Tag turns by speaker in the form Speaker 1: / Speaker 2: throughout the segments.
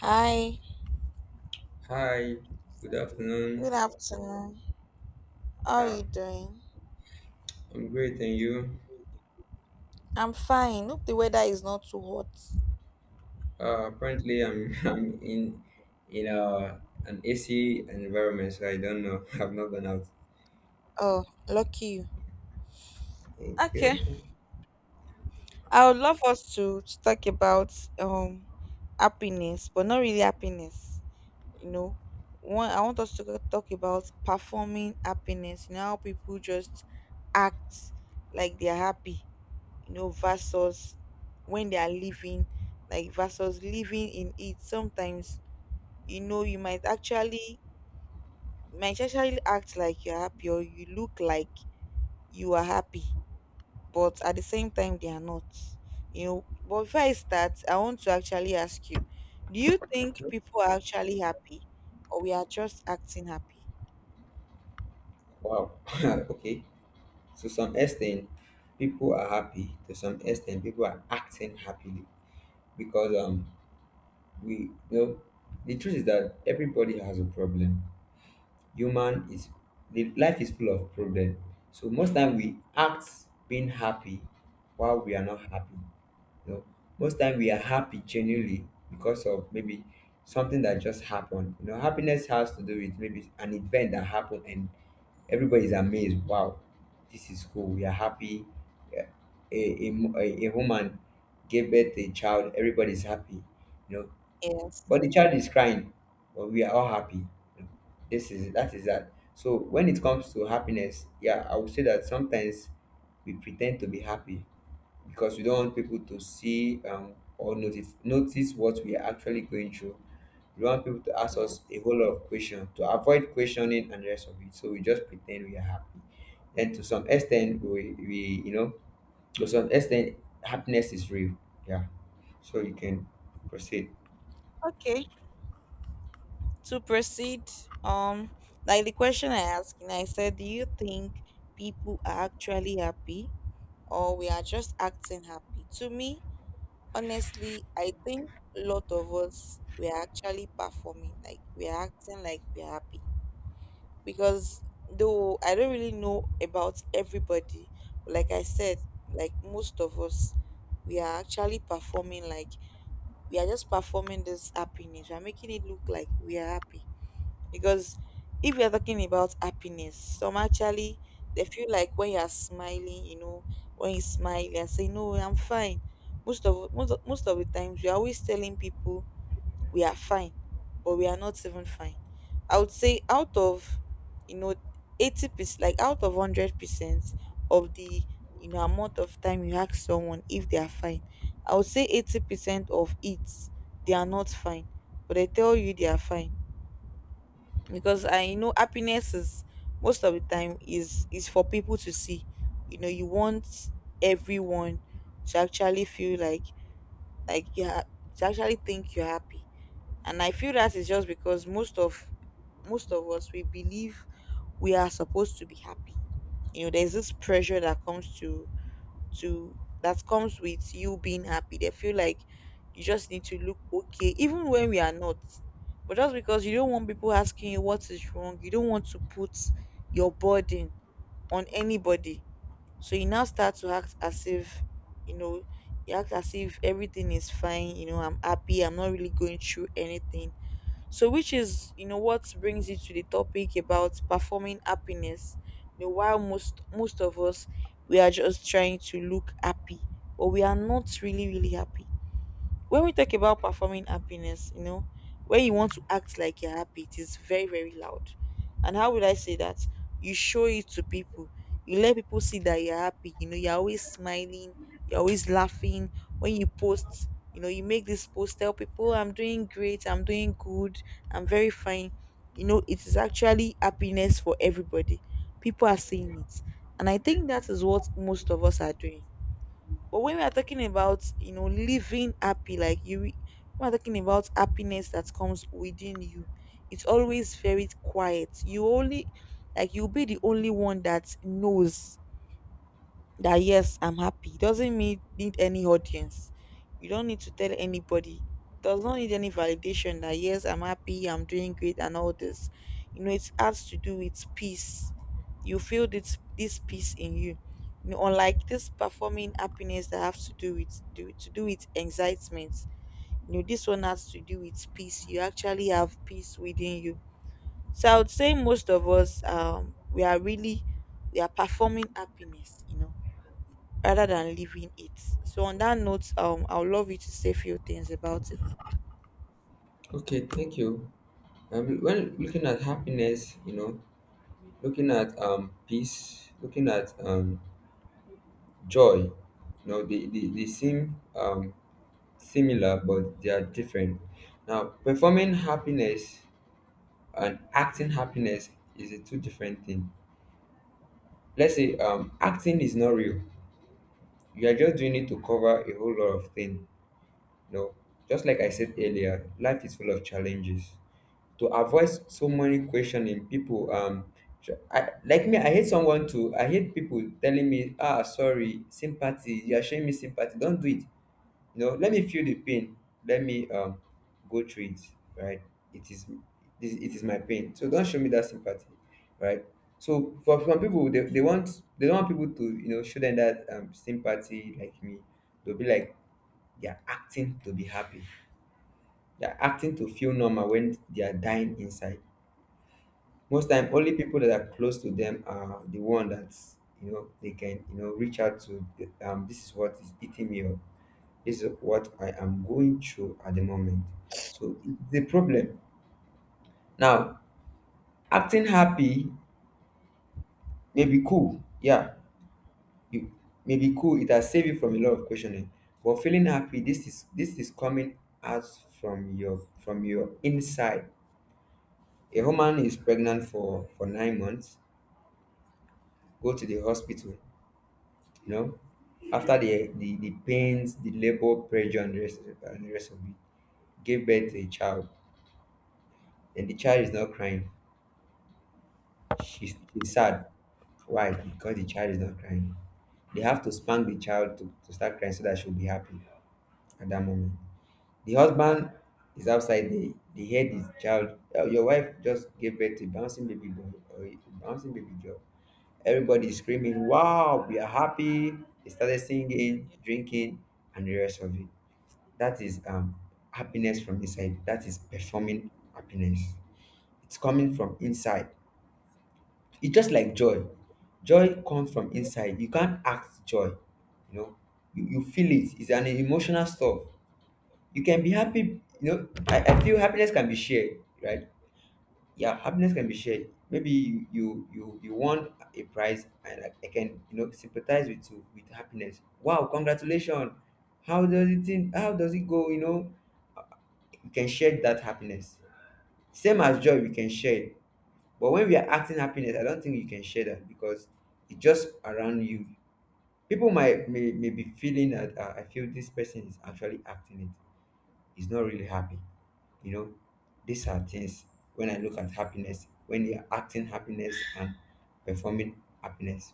Speaker 1: Hi,
Speaker 2: Hi, good afternoon.
Speaker 1: good afternoon. How are
Speaker 2: Yeah,
Speaker 1: you doing?
Speaker 2: I'm great, and you?
Speaker 1: I'm fine. Hope the weather is not too hot.
Speaker 2: Apparently, I'm I'm in an AC environment, so I don't know. I've not gone out.
Speaker 1: Oh, lucky you.
Speaker 2: Thank
Speaker 1: Okay.
Speaker 2: you.
Speaker 1: I would love us to talk about happiness, but not really happiness. You know, one I want us to talk about performing happiness. You know how people just act like they're happy. You know, versus when they are living, like versus living in it. Sometimes you know you might actually act like you're happy or you look like you are happy, but at the same time they are not. You know, but before I start, I want to actually ask you, do you think people are actually happy or we are just acting happy?
Speaker 2: Wow. Okay. To some extent, people are happy. To some extent, people are acting happily because we the truth is that everybody has a problem. Human is the life is full of problem, so most time we act being happy while we are not happy, you know. Most time we are happy genuinely because of maybe something that just happened. You know, happiness has to do with maybe an event that happened and everybody is amazed. Wow, this is cool, we are happy. a, a, a woman gave birth to a child. Everybody is happy, you know,
Speaker 1: Yes.
Speaker 2: but the child is crying, but we are all happy. This is that is that. So when it comes to happiness, yeah, I would say that sometimes we pretend to be happy because we don't want people to see, or notice what we are actually going through. We don't want people to ask us a
Speaker 1: Yes.
Speaker 2: whole lot of questions, to avoid questioning and the rest of it, so we just pretend we are happy. And to some extent we to some extent happiness is real, yeah. So you can proceed.
Speaker 1: Okay. To proceed, um, like the question I asked, and I said, do you think people are actually happy or we are just acting happy? To me, honestly, I think a lot of us were actually performing, like we're acting like we're happy. Because though I don't really know about everybody, but like I said, like most of us, we are actually performing, like we are just performing this happiness. We're making it look like we are happy, because if you're talking about happiness, some actually, they feel like when you're smiling, you know, when you smile and say, no, I'm fine. Most of the times we are always telling people we are fine, but we are not even fine. I would say out of, you know, 80%, like out of 100% of the, you know, amount of time you ask someone if they are fine, I would say 80% of it they are not fine, but they tell you they are fine, because I know happiness is, most of the time, is for people to see. You know, you want everyone to actually feel like, like you ha- to actually think you're happy. And I feel that is just because most of us we believe we are supposed to be happy. You know, there's this pressure that comes to that comes with you being happy. They feel like you just need to look okay, even when we are not. But just because you don't want people asking you what is wrong, you don't want to put your burden on anybody. So you now start to act as if, you know, you act as if everything is fine, you know, I'm happy, I'm not really going through anything, so, which is, you know, what brings you to the topic about performing happiness. You know, while most of us we are just trying to look happy, but we are not really, really happy. When we talk about performing happiness, you know, when you want to act like you're happy, it is very, very loud. And how would I say that? You show it to people. You let people see that you're happy. You know, you're always smiling. You're always laughing. When you post, you know, you make this post, tell people, I'm doing great. I'm doing good. I'm very fine. You know, it is actually happiness for everybody. People are seeing it. And I think that is what most of us are doing. But when we are talking about, you know, living happy, like, you, we are talking about happiness that comes within you, it's always very quiet. You only, like, you'll be the only one that knows that yes, I'm happy. It doesn't need any audience. You don't need to tell anybody. It does not need any validation that yes, I'm happy, I'm doing great, and all this. You know, it has to do with peace. You feel this peace in you. You know, unlike this performing happiness that has to do with do to do with excitement. You know, this one has to do with peace. You actually have peace within you. So I would say most of us, we are really we are performing happiness. You know, rather than leaving it. So on that note, I would love you to say a few things about it.
Speaker 2: Okay, thank you. When looking at happiness, you know, looking at peace, looking at joy, you know, they seem similar, but they are different. Now, performing happiness and acting happiness is a two different thing. Let's say acting is not real. You are just doing it to cover a whole lot of things. No, just like I said earlier, life is full of challenges. To avoid so many questioning, people I, like me, I hate someone too. I hate people telling me, ah, sorry, sympathy. You are showing me sympathy. Don't do it. You know, let me feel the pain. Let me go through it. Right? It is my pain. So don't show me that sympathy. Right? So for some people, they don't want people to, you know, show them that, sympathy, like me. They'll be like they're acting to be happy. They're acting to feel normal when they are dying inside. Most time, only people that are close to them are the one that, you know, they can, you know, reach out to. This is what is eating me up. This is what I am going through at the moment. So it's a problem. Now, acting happy may be cool. Yeah, you may be cool. It has saved you from a lot of questioning. But feeling happy, this is coming out from your inside. A woman is pregnant for 9 months, go to the hospital, you know, after the pains, the labor pressure, and the rest of it, gave birth to a child, and the child is not crying. She's sad. Why? Because the child is not crying. They have to spank the child to start crying, so that she'll be happy. At that moment, the husband is outside. The head is child, your wife just gave birth to a bouncing baby boy or a bouncing baby girl. Everybody is screaming, wow, we are happy. They started singing, drinking, and the rest of it. That is happiness from inside. That is performing happiness. It's coming from inside. It's just like joy. Joy comes from inside. You can't act joy. You know, you feel it. It's an emotional stuff. You can be happy, you know. I feel happiness can be shared, right? Yeah, happiness can be shared. Maybe you won a prize and I can, you know, sympathize with you with happiness. Wow, congratulations. How does it go, you know? We can share that happiness. Same as joy, we can share it. But when we are acting happiness, I don't think you can share that, because it's just around you. People might may be feeling that, I feel this person is actually acting it, is not really happy. You know, these are things when I look at happiness, when they are acting happiness and performing happiness.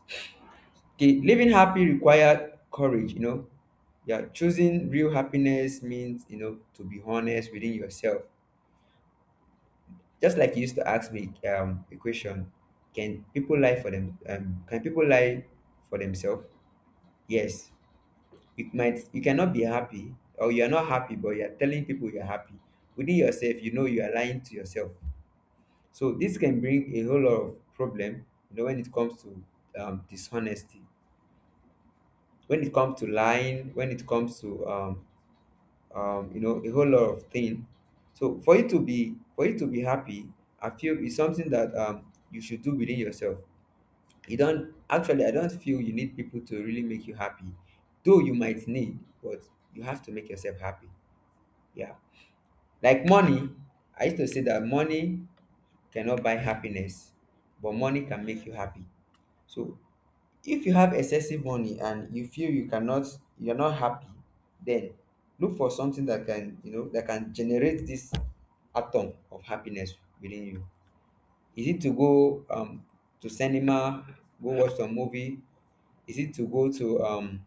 Speaker 2: Okay, living happy requires courage, you know. Yeah, choosing real happiness means, you know, to be honest within yourself. Just like you used to ask me a question, can people lie for them? Can people lie for themselves? Yes, it might. You cannot be happy, or you're not happy, but you're telling people you're happy. Within yourself, you know, you are lying to yourself. So this can bring a whole lot of problem. You know, when it comes to, dishonesty, when it comes to lying, when it comes to you know, a whole lot of thing. So for you to be, for you to be happy, I feel is something that, you should do within yourself. You don't actually, I don't feel you need people to really make you happy, though you might need. But you have to make yourself happy, yeah. Like money, I used to say that money cannot buy happiness, but money can make you happy. So if you have excessive money and you feel you cannot, you're not happy, then look for something that can, you know, that can generate this atom of happiness within you. Is it to go to cinema, go watch some movie? Is it to go to um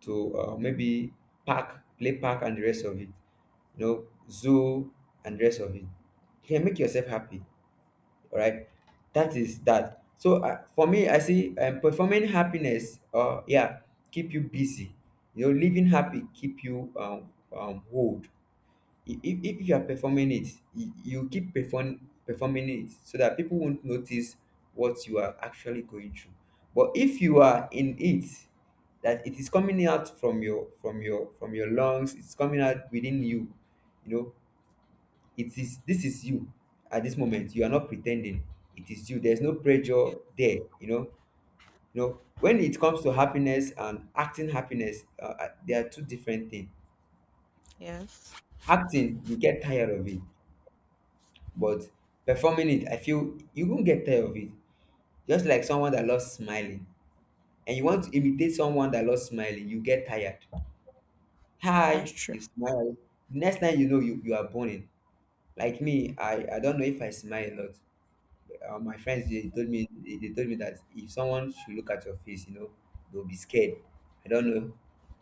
Speaker 2: to uh, maybe park, play park, and the rest of it, you know, zoo and the rest of it. You can make yourself happy, all right? That is that. So, for me, I see, performing happiness, yeah, keep you busy. You know, living happy keep you, whole. If you are performing it, you keep performing it so that people won't notice what you are actually going through. But if you are in it, that it is coming out from your lungs, it's coming out within you, you know. It is, this is you. At this moment, you are not pretending. It is you. There's no pressure there, you know. You know, when it comes to happiness and acting happiness, they are two different things.
Speaker 1: Yes.
Speaker 2: Acting, you get tired of it. But performing it, I feel you won't get tired of it. Just like someone that loves smiling, and you want to imitate someone that loves smiling, you get tired. Hi, you smile. Next time, you know, you are burning. Like me, I don't know if I smile a lot. My friends, they told me, they told me that if someone should look at your face, you know, they'll be scared. I don't know.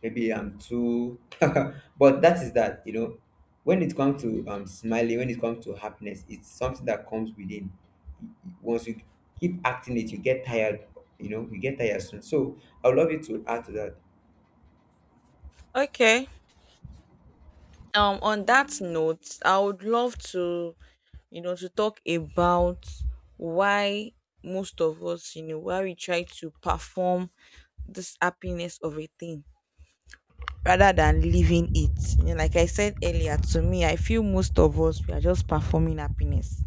Speaker 2: Maybe I'm too but that is that, you know. When it comes to smiling, when it comes to happiness, it's something that comes within. Once you keep acting it, you get tired, you know, you get tired soon. So I would love you to add to that.
Speaker 1: Okay. On that note, I would love to talk about why most of us, you know, why we try to perform this happiness of a thing rather than living it. You know, like I said earlier, to me, I feel most of us we are just performing happiness,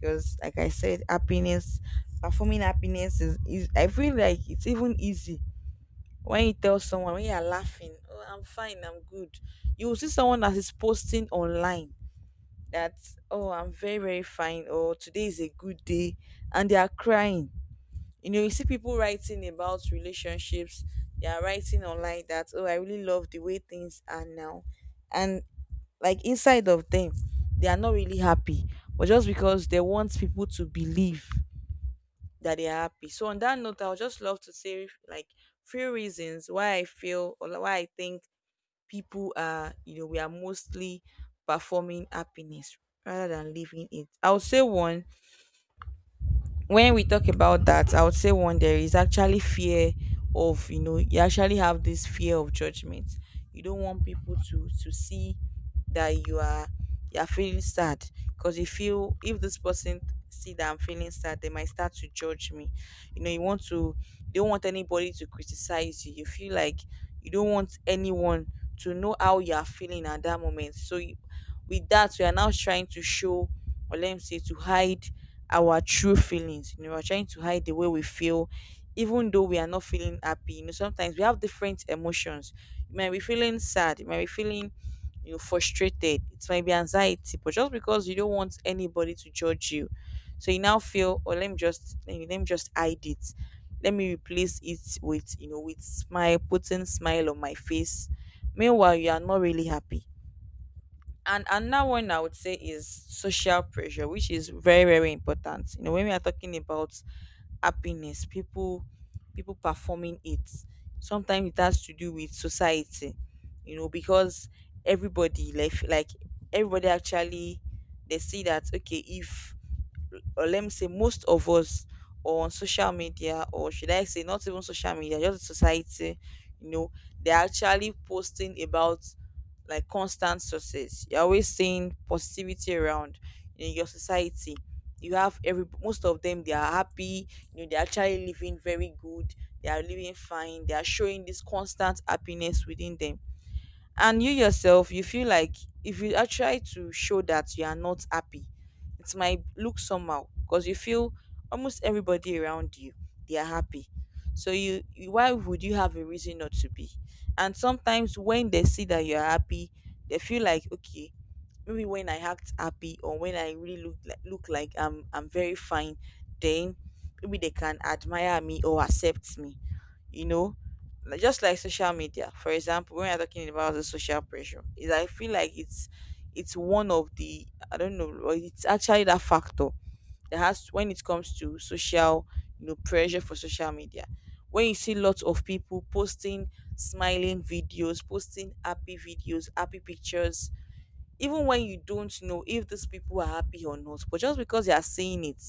Speaker 1: because like I said, happiness, performing happiness is, I feel like it's even easy. When you tell someone, when you're laughing, oh, I'm fine, I'm good. You will see someone that is posting online that, oh, I'm very very fine, or today is a good day, and they are crying. You know, you see people writing about relationships, they are writing online that, oh, I really love the way things are now, and, like, inside of them, they are not really happy, but just because they want people to believe that they are happy. So on that note, I would just love to say, like, few reasons why I feel, or like, why I think people are, you know, we are mostly performing happiness rather than living it. I would say one, when we talk about that, I would say one, there is actually fear, of, you know, you actually have this fear of judgment. You don't want people to see that you are feeling sad, because if you if this person see that I'm feeling sad, they might start to judge me. You know, you don't want anybody to criticize you. You feel like you don't want anyone to know how you are feeling at that moment. So, with that we are now trying to show, or let me say, to hide our true feelings. You know, we're trying to hide the way we feel, even though we are not feeling happy. You know, sometimes we have different emotions. You might be feeling sad, you might be feeling, you know, frustrated, it might be anxiety, but just because you don't want anybody to judge you, so you now feel, or let me just hide it, let me replace it with, you know, with smile, putting smile on my face, meanwhile you are not really happy. And another one I would say is social pressure, which is very very important. You know, when we are talking about happiness, people performing it. Sometimes it has to do with society, you know, because everybody, like everybody actually, they see that okay, if, or let me say most of us, or on social media, or should I say, not even social media, just society, you know, they're actually posting about, like, constant success. You're always seeing positivity around in your society. You have every most of them, they are happy. You know, they're actually living very good, they are living fine, they are showing this constant happiness within them. And you yourself, you feel like if you are try to show that you are not happy, it might look somehow, because you feel almost everybody around you, they are happy. So you, why would you have a reason not to be? And sometimes when they see that you are happy, they feel like okay, maybe when I act happy, or when I really look like I'm very fine, then maybe they can admire me or accept me, you know. Like, just like social media, for example, when we are talking about the social pressure, is, I feel like it's one of the, I don't know, or it's actually that factor that has, when it comes to social, you know, pressure for social media, when you see lots of people posting smiling videos, posting happy videos, happy pictures, even when you don't know if these people are happy or not, but just because they are saying it,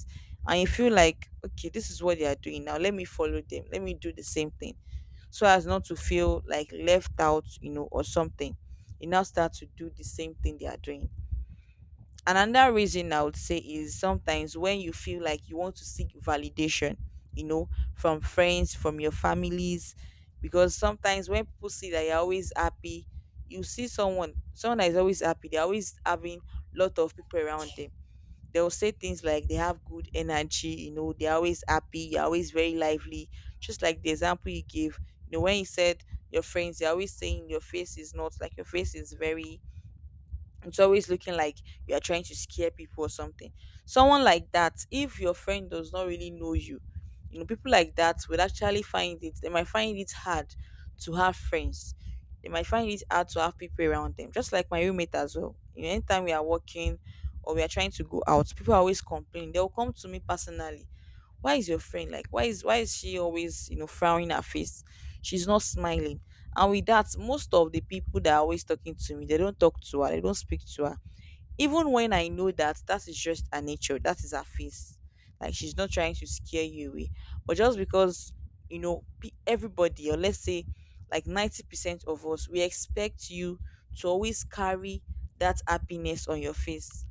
Speaker 1: and you feel like okay, this is what they are doing now, let me follow them, let me do the same thing, so as not to feel like left out, you know, or something. You now start to do the same thing they are doing. Another reason I would say is sometimes when you feel like you want to seek validation, you know, from friends, from your families, because sometimes when people see that you're always happy, you see someone that is always happy, they're always having lot of people around them, they'll say things like they have good energy, you know, they're always happy, you're always very lively. Just like the example you gave, you know, when you said your friends, they're always saying your face is not, like, your face is very, it's always looking like you are trying to scare people or something. Someone like that, if your friend does not really know you, you know, people like that will actually find it hard to have friends. They might find it hard to have people around them, just like my roommate as well. You know, anytime we are working or we are trying to go out, people are always complaining. They'll come to me personally. Why is your friend like why is she always, you know, frowning her face? She's not smiling. And with that, most of the people that are always talking to me, they don't talk to her, they don't speak to her, even when I know that that is just her nature. That is her face. Like, she's not trying to scare you away, but just because, you know, everybody, or let's say like 90% of us, we expect you to always carry that happiness on your face.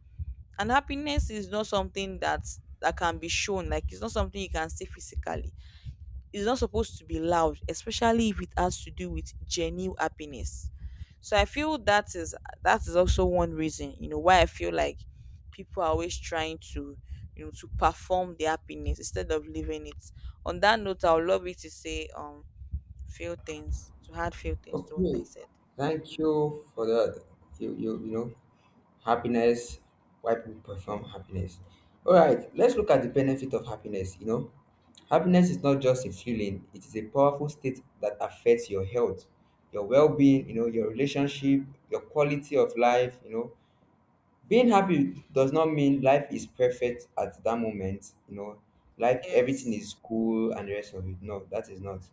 Speaker 1: And happiness is not something that can be shown. Like, it's not something you can see physically. It's not supposed to be loud, especially if it has to do with genuine happiness. So I feel that is also one reason, you know, why I feel like people are always trying to, you know, to perform their happiness instead of living it. On that note, I would love you to say few things to what I
Speaker 2: Okay.
Speaker 1: said.
Speaker 2: Thank you for that. You know. Happiness, why people perform happiness. All right, let's look at the benefit of happiness. You know, happiness is not just a feeling, it is a powerful state that affects your health, your well being, you know, your relationship, your quality of life, you know. Being happy does not mean life is perfect at that moment, you know, life, everything
Speaker 1: Yes.
Speaker 2: is cool and the rest of it. No, that is not.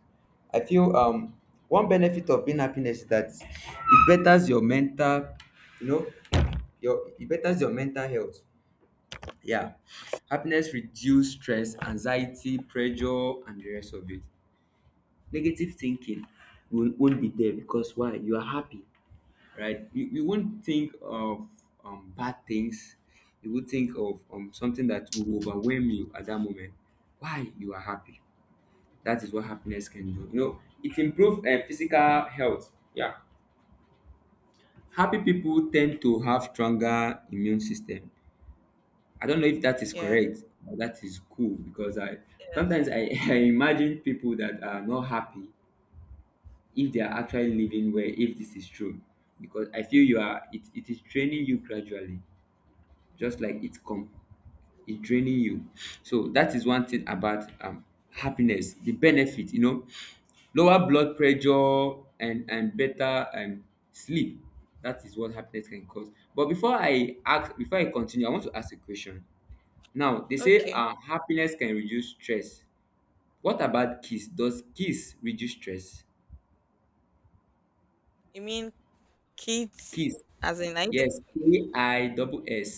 Speaker 2: I feel, one benefit of being happiness is that it betters your mental, you know, your, it betters your mental health, yeah. Happiness reduce stress, anxiety, pressure, and the rest of it. Negative thinking will won't be there, because why? You are happy, right? You won't think of, bad things. You would think of, something that will overwhelm you at that moment. Why? You are happy. That is what happiness can do. You know, it improves physical health. Yeah, happy people tend to have stronger immune system. I don't know if that is
Speaker 1: Yeah.
Speaker 2: correct. But that is cool, because I
Speaker 1: Yes.
Speaker 2: sometimes I imagine people that are not happy if they are actually living well. If this is true, because I feel you are it is training you gradually, just like it come, it draining you. So that is one thing about happiness, the benefit, you know: lower blood pressure, and better sleep. That is what happiness can cause. But before I continue, I want to ask a question. Now they say
Speaker 1: Okay.
Speaker 2: happiness can reduce stress. What about kiss? Does kiss reduce stress?
Speaker 1: You mean kids,
Speaker 2: Kiss,
Speaker 1: as in, I think,
Speaker 2: yes, KISS.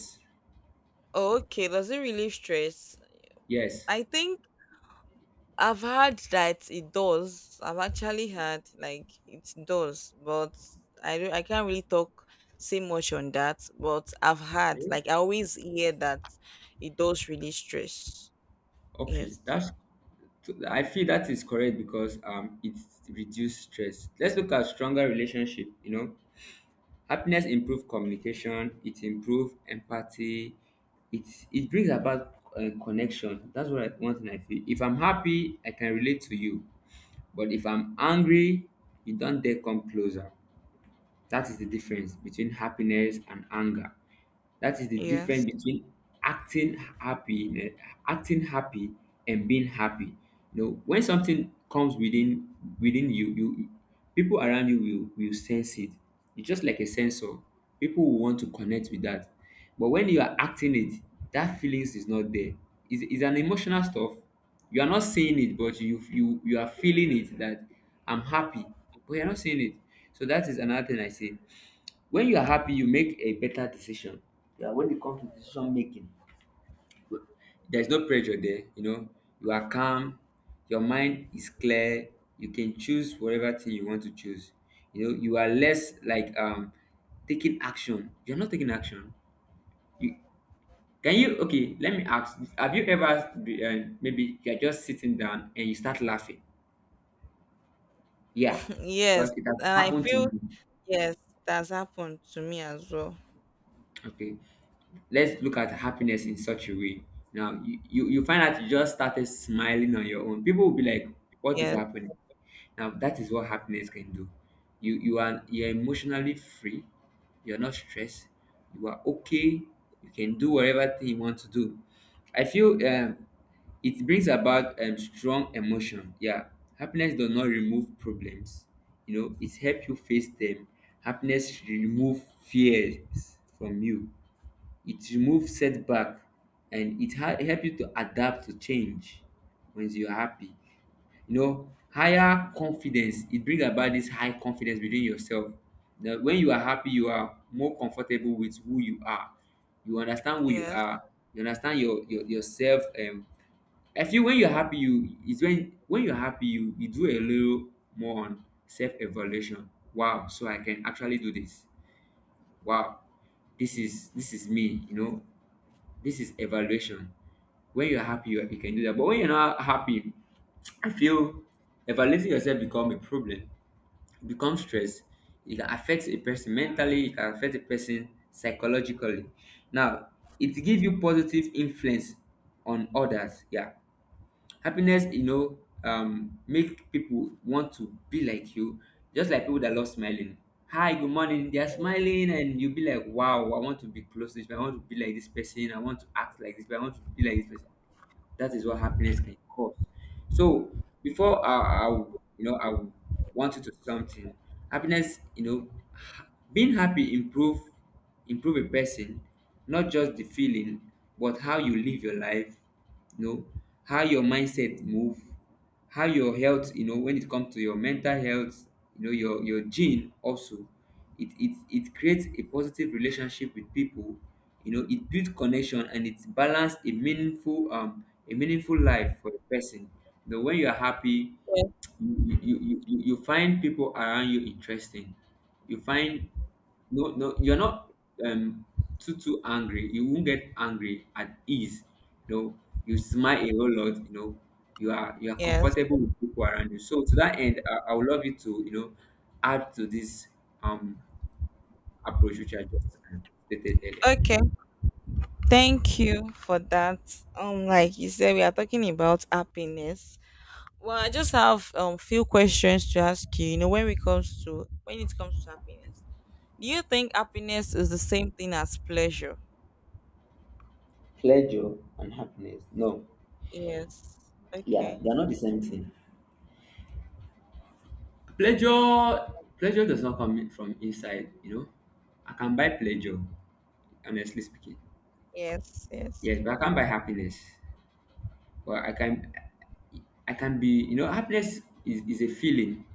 Speaker 1: oh, okay, does it really stress?
Speaker 2: Yes.
Speaker 1: I think I've heard that it does. I've actually heard like it does, but I can't really talk say much on that. But I've heard,
Speaker 2: Okay.
Speaker 1: like, I always hear that it does really stress.
Speaker 2: Okay,
Speaker 1: Yes,
Speaker 2: that's... So I feel that is correct because it reduces stress. Let's look at stronger relationship. You know, happiness improve communication. It improve empathy. It it brings about connection. That's one thing I feel. If I'm happy, I can relate to you. But if I'm angry, you don't dare come closer. That is the difference between happiness and anger. That is the
Speaker 1: yes,
Speaker 2: difference between acting happy, acting happy, and being happy. You know, when something comes within you, you, people around you will sense it. It's just like a sensor. People will want to connect with that. But when you are acting it, that feelings is not there. It's an emotional stuff. You are not saying it, but you are feeling it that I'm happy, but you're not saying it. So that is another thing I say: when you are happy, you make a better decision. Yeah, when it comes to decision making, there's no pressure there, you know. You are calm, your mind is clear, you can choose whatever thing you want to choose. You know, you are less like taking action, you're not taking action. You can you... Okay, let me ask: have you ever be, maybe you're just sitting down and you start laughing? Yeah,
Speaker 1: yes,
Speaker 2: because it has
Speaker 1: and I
Speaker 2: happened to
Speaker 1: feel
Speaker 2: me.
Speaker 1: yes, that's happened to me as well.
Speaker 2: Okay, let's look at happiness in such a way. Now you find out you just started smiling on your own. People will be like, what is
Speaker 1: Yes,
Speaker 2: happening? Now that is what happiness can do. You're emotionally free, you're not stressed, you are okay, you can do whatever thing you want to do. I feel it brings about strong emotion. Yeah, happiness does not remove problems. You know, it helps you face them. Happiness remove fears from you, it removes setback, and it help you to adapt to change. When you are happy, you know, higher confidence, it bring about this high confidence within yourself, that when you are happy, you are more comfortable with who you are. You understand who you
Speaker 1: yes,
Speaker 2: are, you understand your yourself. I feel when you're happy, you it's when you're happy, you do a little more on self-evaluation. Wow, so I can actually do this. Wow, this is me, you know. This is evaluation. When you're happy, you can do that. But when you're not happy, I feel evaluating yourself become a problem. It becomes stress. It can affect a person mentally. It can affect a person psychologically. Now, it gives you positive influence on others. Yeah, happiness, you know, make people want to be like you, just like people that love smiling. Hi, good morning, they are smiling, and you be like wow, I want to be close to this person, I want to be like this person, I want to act like this person, I want to be like this person. That is what happiness can cause. So I would, you know, I would want you to something. Happiness, you know, being happy improve, improve a person, not just the feeling, but how you live your life, you know, how your mindset move, how your health, you know, when it comes to your mental health, you know, your gene also. It creates a positive relationship with people. You know, it builds connection, and it's balanced a meaningful life for the person. You know, when you are happy,
Speaker 1: yes,
Speaker 2: you find people around you interesting. You find, no, no, you're not, um too angry, you won't get angry at ease. You know, you smile a whole lot, you know. You are
Speaker 1: yes.
Speaker 2: comfortable with people around you. So to that end, I would love you to, you know, add to this um approach which I just stated earlier.
Speaker 1: Okay. Thank you for that. Like you said, we are talking about happiness. Well, I just have few questions to ask you. You know, when it comes to happiness, do you think happiness is the same thing as pleasure?
Speaker 2: Pleasure and happiness? No.
Speaker 1: Yes.
Speaker 2: Yeah,
Speaker 1: Okay.
Speaker 2: they're not the same thing. Pleasure, pleasure does not come from inside, you know. I can buy pleasure, honestly speaking.
Speaker 1: Yes. Yes.
Speaker 2: Yes, but I can't buy happiness. Well, I can. I can be You know, is a feeling.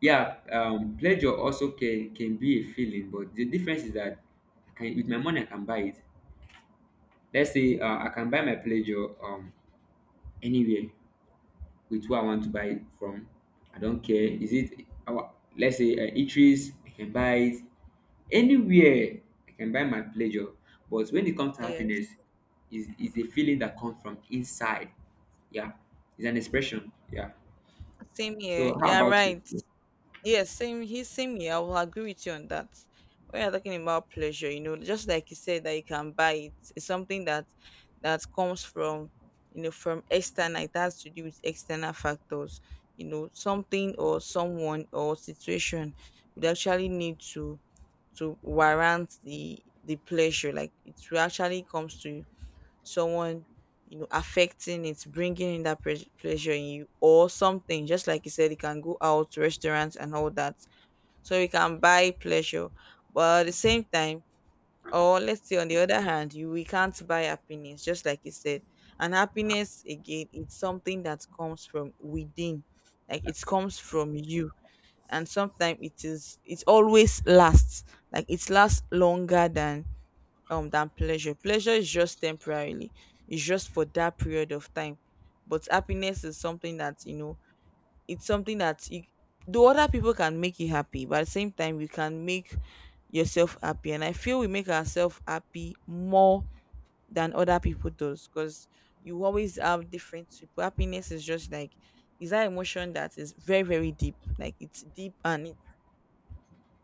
Speaker 2: Yeah. Pleasure also can be a feeling, but the difference is that I can, with my money, I can buy it. Let's say, I can buy my pleasure, anywhere, with who I want to buy it from. I don't care. Is it our, let's say, eateries? I can buy it anywhere. I can buy my pleasure. But when it comes to
Speaker 1: Yes.
Speaker 2: happiness, is a feeling that comes from inside. Yeah, it's an expression. Yeah.
Speaker 1: Same here.
Speaker 2: So how
Speaker 1: Yeah.
Speaker 2: about
Speaker 1: Right.
Speaker 2: you?
Speaker 1: Yes, same here. I will agree with you on that. When you're talking about pleasure, you know, just like you said that you can buy it, it's something that comes from, you know, from external. It has to do with external factors. You know, something or someone or situation would actually need to warrant the pleasure. Like, it will actually comes to someone, you know, affecting it, bringing in that pleasure in you, or something. Just like you said, you can go out to restaurants and all that. So we can buy pleasure, but at the same time, or let's say on the other hand, you we can't buy happiness, just like you said. And happiness again, it's something that comes from within. Like, it comes from you. And sometimes it always lasts. Like, it lasts longer than, than pleasure. Pleasure is just temporarily, it's just for that period of time. But happiness is something that, you know, it's something that you, though other people can make you happy, but at the same time, you can make yourself happy. And I feel we make ourselves happy more than other people does, because you always have different people. Happiness is just like, is that emotion that is very, very deep. Like, it's deep, and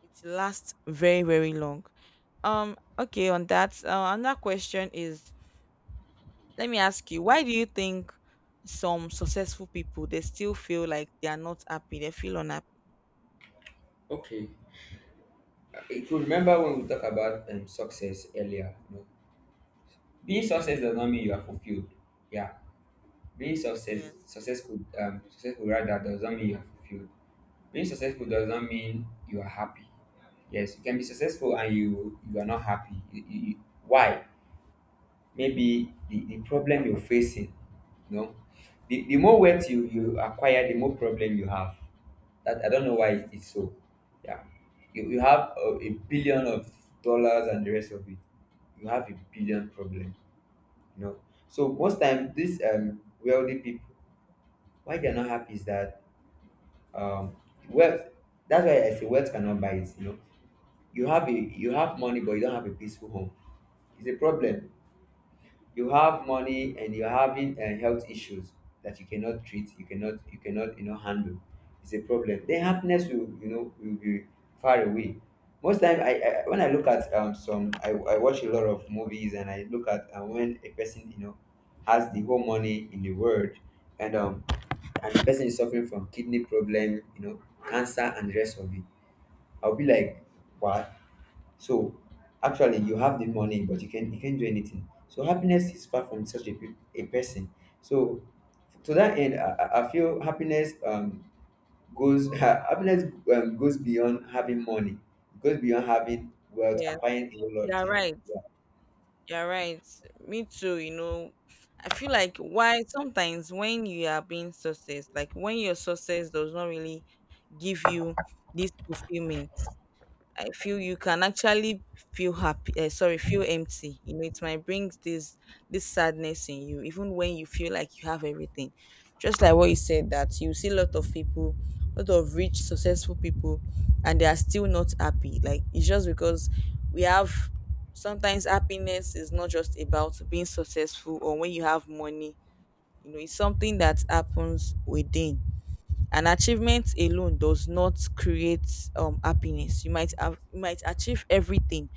Speaker 1: it lasts very, very long. Okay. On that, another question is: let me ask you, why do you think some successful people they still feel like they are not happy? They feel unhappy.
Speaker 2: Okay. If you remember when we talked about success earlier, you know, being success does not mean you are fulfilled. Yeah. Being success,
Speaker 1: Yes.
Speaker 2: successful, successful rather, doesn't mean you're fulfilled. Being successful doesn't mean you are happy. Yes, you can be successful and you are not happy. Why? Maybe the problem you're facing. You know, the more wealth you acquire, the more problem you have. That I don't know
Speaker 1: Yes.
Speaker 2: why it's so. Yeah, you have a billion of dollars and the rest of it. You have a billion problem. You know, so most time these wealthy people, why they're not happy, is that um wealth, that's why I say wealth cannot buy it, you know. You have money, but you don't have a peaceful home. It's a problem. You have money and you're having health issues that you cannot treat, you cannot, you know, handle. It's a problem. Then happiness will, you know, will be far away. Most time I, when I look at some, I watch a lot of movies, and I look at when a person, you know, has the whole money in the world, and um and the person is suffering from kidney problem, you know, cancer and the rest of it, I'll be like wow. So actually, you have the money, but you can't do anything. So happiness is far from such a, a person. So to that end, I feel happiness goes happiness goes beyond having money. It goes beyond having wealth,
Speaker 1: Yes,
Speaker 2: acquiring a whole lot of
Speaker 1: you're
Speaker 2: things.
Speaker 1: right. You're right. Me too. You know, I feel like why sometimes when you are being success, like when your success does not really give you this fulfillment, I feel you can actually feel happy. Sorry, feel empty. You know, it might bring this sadness in you, even when you feel like you have everything. Just like what you said, that you see a lot of people, a lot of rich, successful people, and they are still not happy. Like, it's just because we have. Sometimes happiness is not just about being successful or when you have money. You know, it's something that happens within. An achievement alone does not create happiness. You might have, you might achieve everything,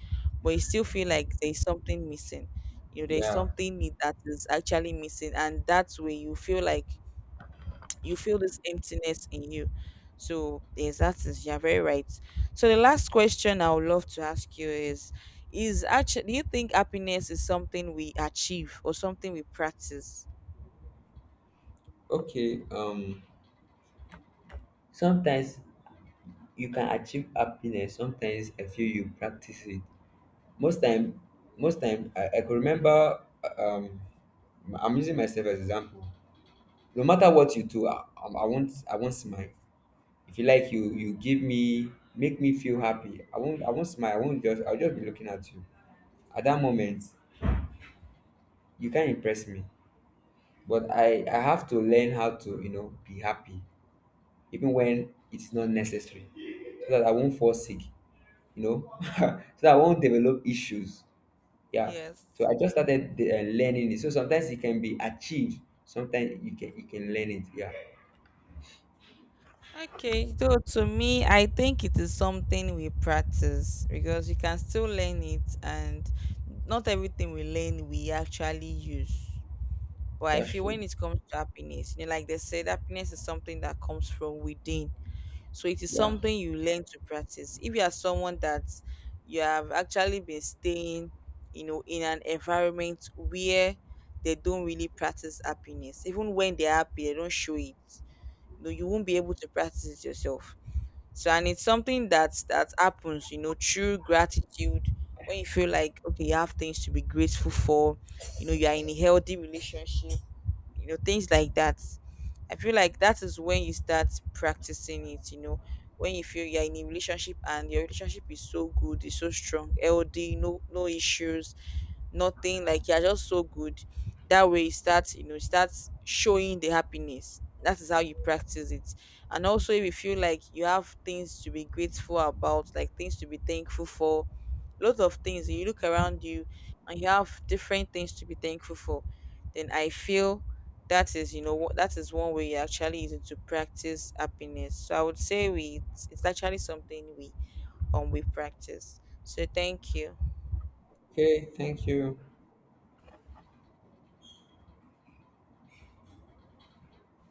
Speaker 1: but you still feel like there's something missing. You know, there's
Speaker 2: Yeah.
Speaker 1: something that is actually missing. And that's where you feel like you feel this emptiness in you. So yes, that is, you're very right. So the last question I would love to ask you is actually, do you think happiness is something we achieve or something we practice?
Speaker 2: Okay. Sometimes you can achieve happiness. Sometimes I feel you practice it. Most time, most time I could remember. Um, I'm using myself as example. No matter what you do, I won't smile. If you like, you give me, make me feel happy, I won't smile, I won't just I'll just be looking at you. At that moment, you can't impress me. But I have to learn how to, you know, be happy, even when it's not necessary, so that I won't fall sick, you know, so that I won't develop issues. Yeah.
Speaker 1: Yes.
Speaker 2: So I just started, learning it. So sometimes it can be achieved, sometimes you can learn it. Yeah.
Speaker 1: Okay, so to me, I think it is something we practice, because you can still learn it, and not everything we learn we actually use. But I
Speaker 2: That's
Speaker 1: feel
Speaker 2: true.
Speaker 1: when it comes to happiness, you know, like they said, happiness is something that comes from within. So it is
Speaker 2: Yeah.
Speaker 1: something you learn to practice. If you are someone that you have actually been staying, you know, in an environment where they don't really practice happiness, even when they're happy, they don't show it. No, you won't be able to practice it yourself. So, and it's something that happens, you know, through gratitude. When you feel like okay, you have things to be grateful for, you know, you are in a healthy relationship, you know, things like that. I feel like that is when you start practicing it. You know, when you feel you're in a relationship and your relationship is so good, it's so strong, healthy, no issues, nothing. Like, you're just so good. That way you start, you know, you start showing the happiness. That is how you practice it. And also, if you feel like you have things to be grateful about, like things to be thankful for, lots of things you look around you and you have different things to be thankful for, then I feel that is, you know, what that is one way you actually using to practice happiness. So I would say we it's actually something we practice. So thank you.
Speaker 2: Okay, thank you.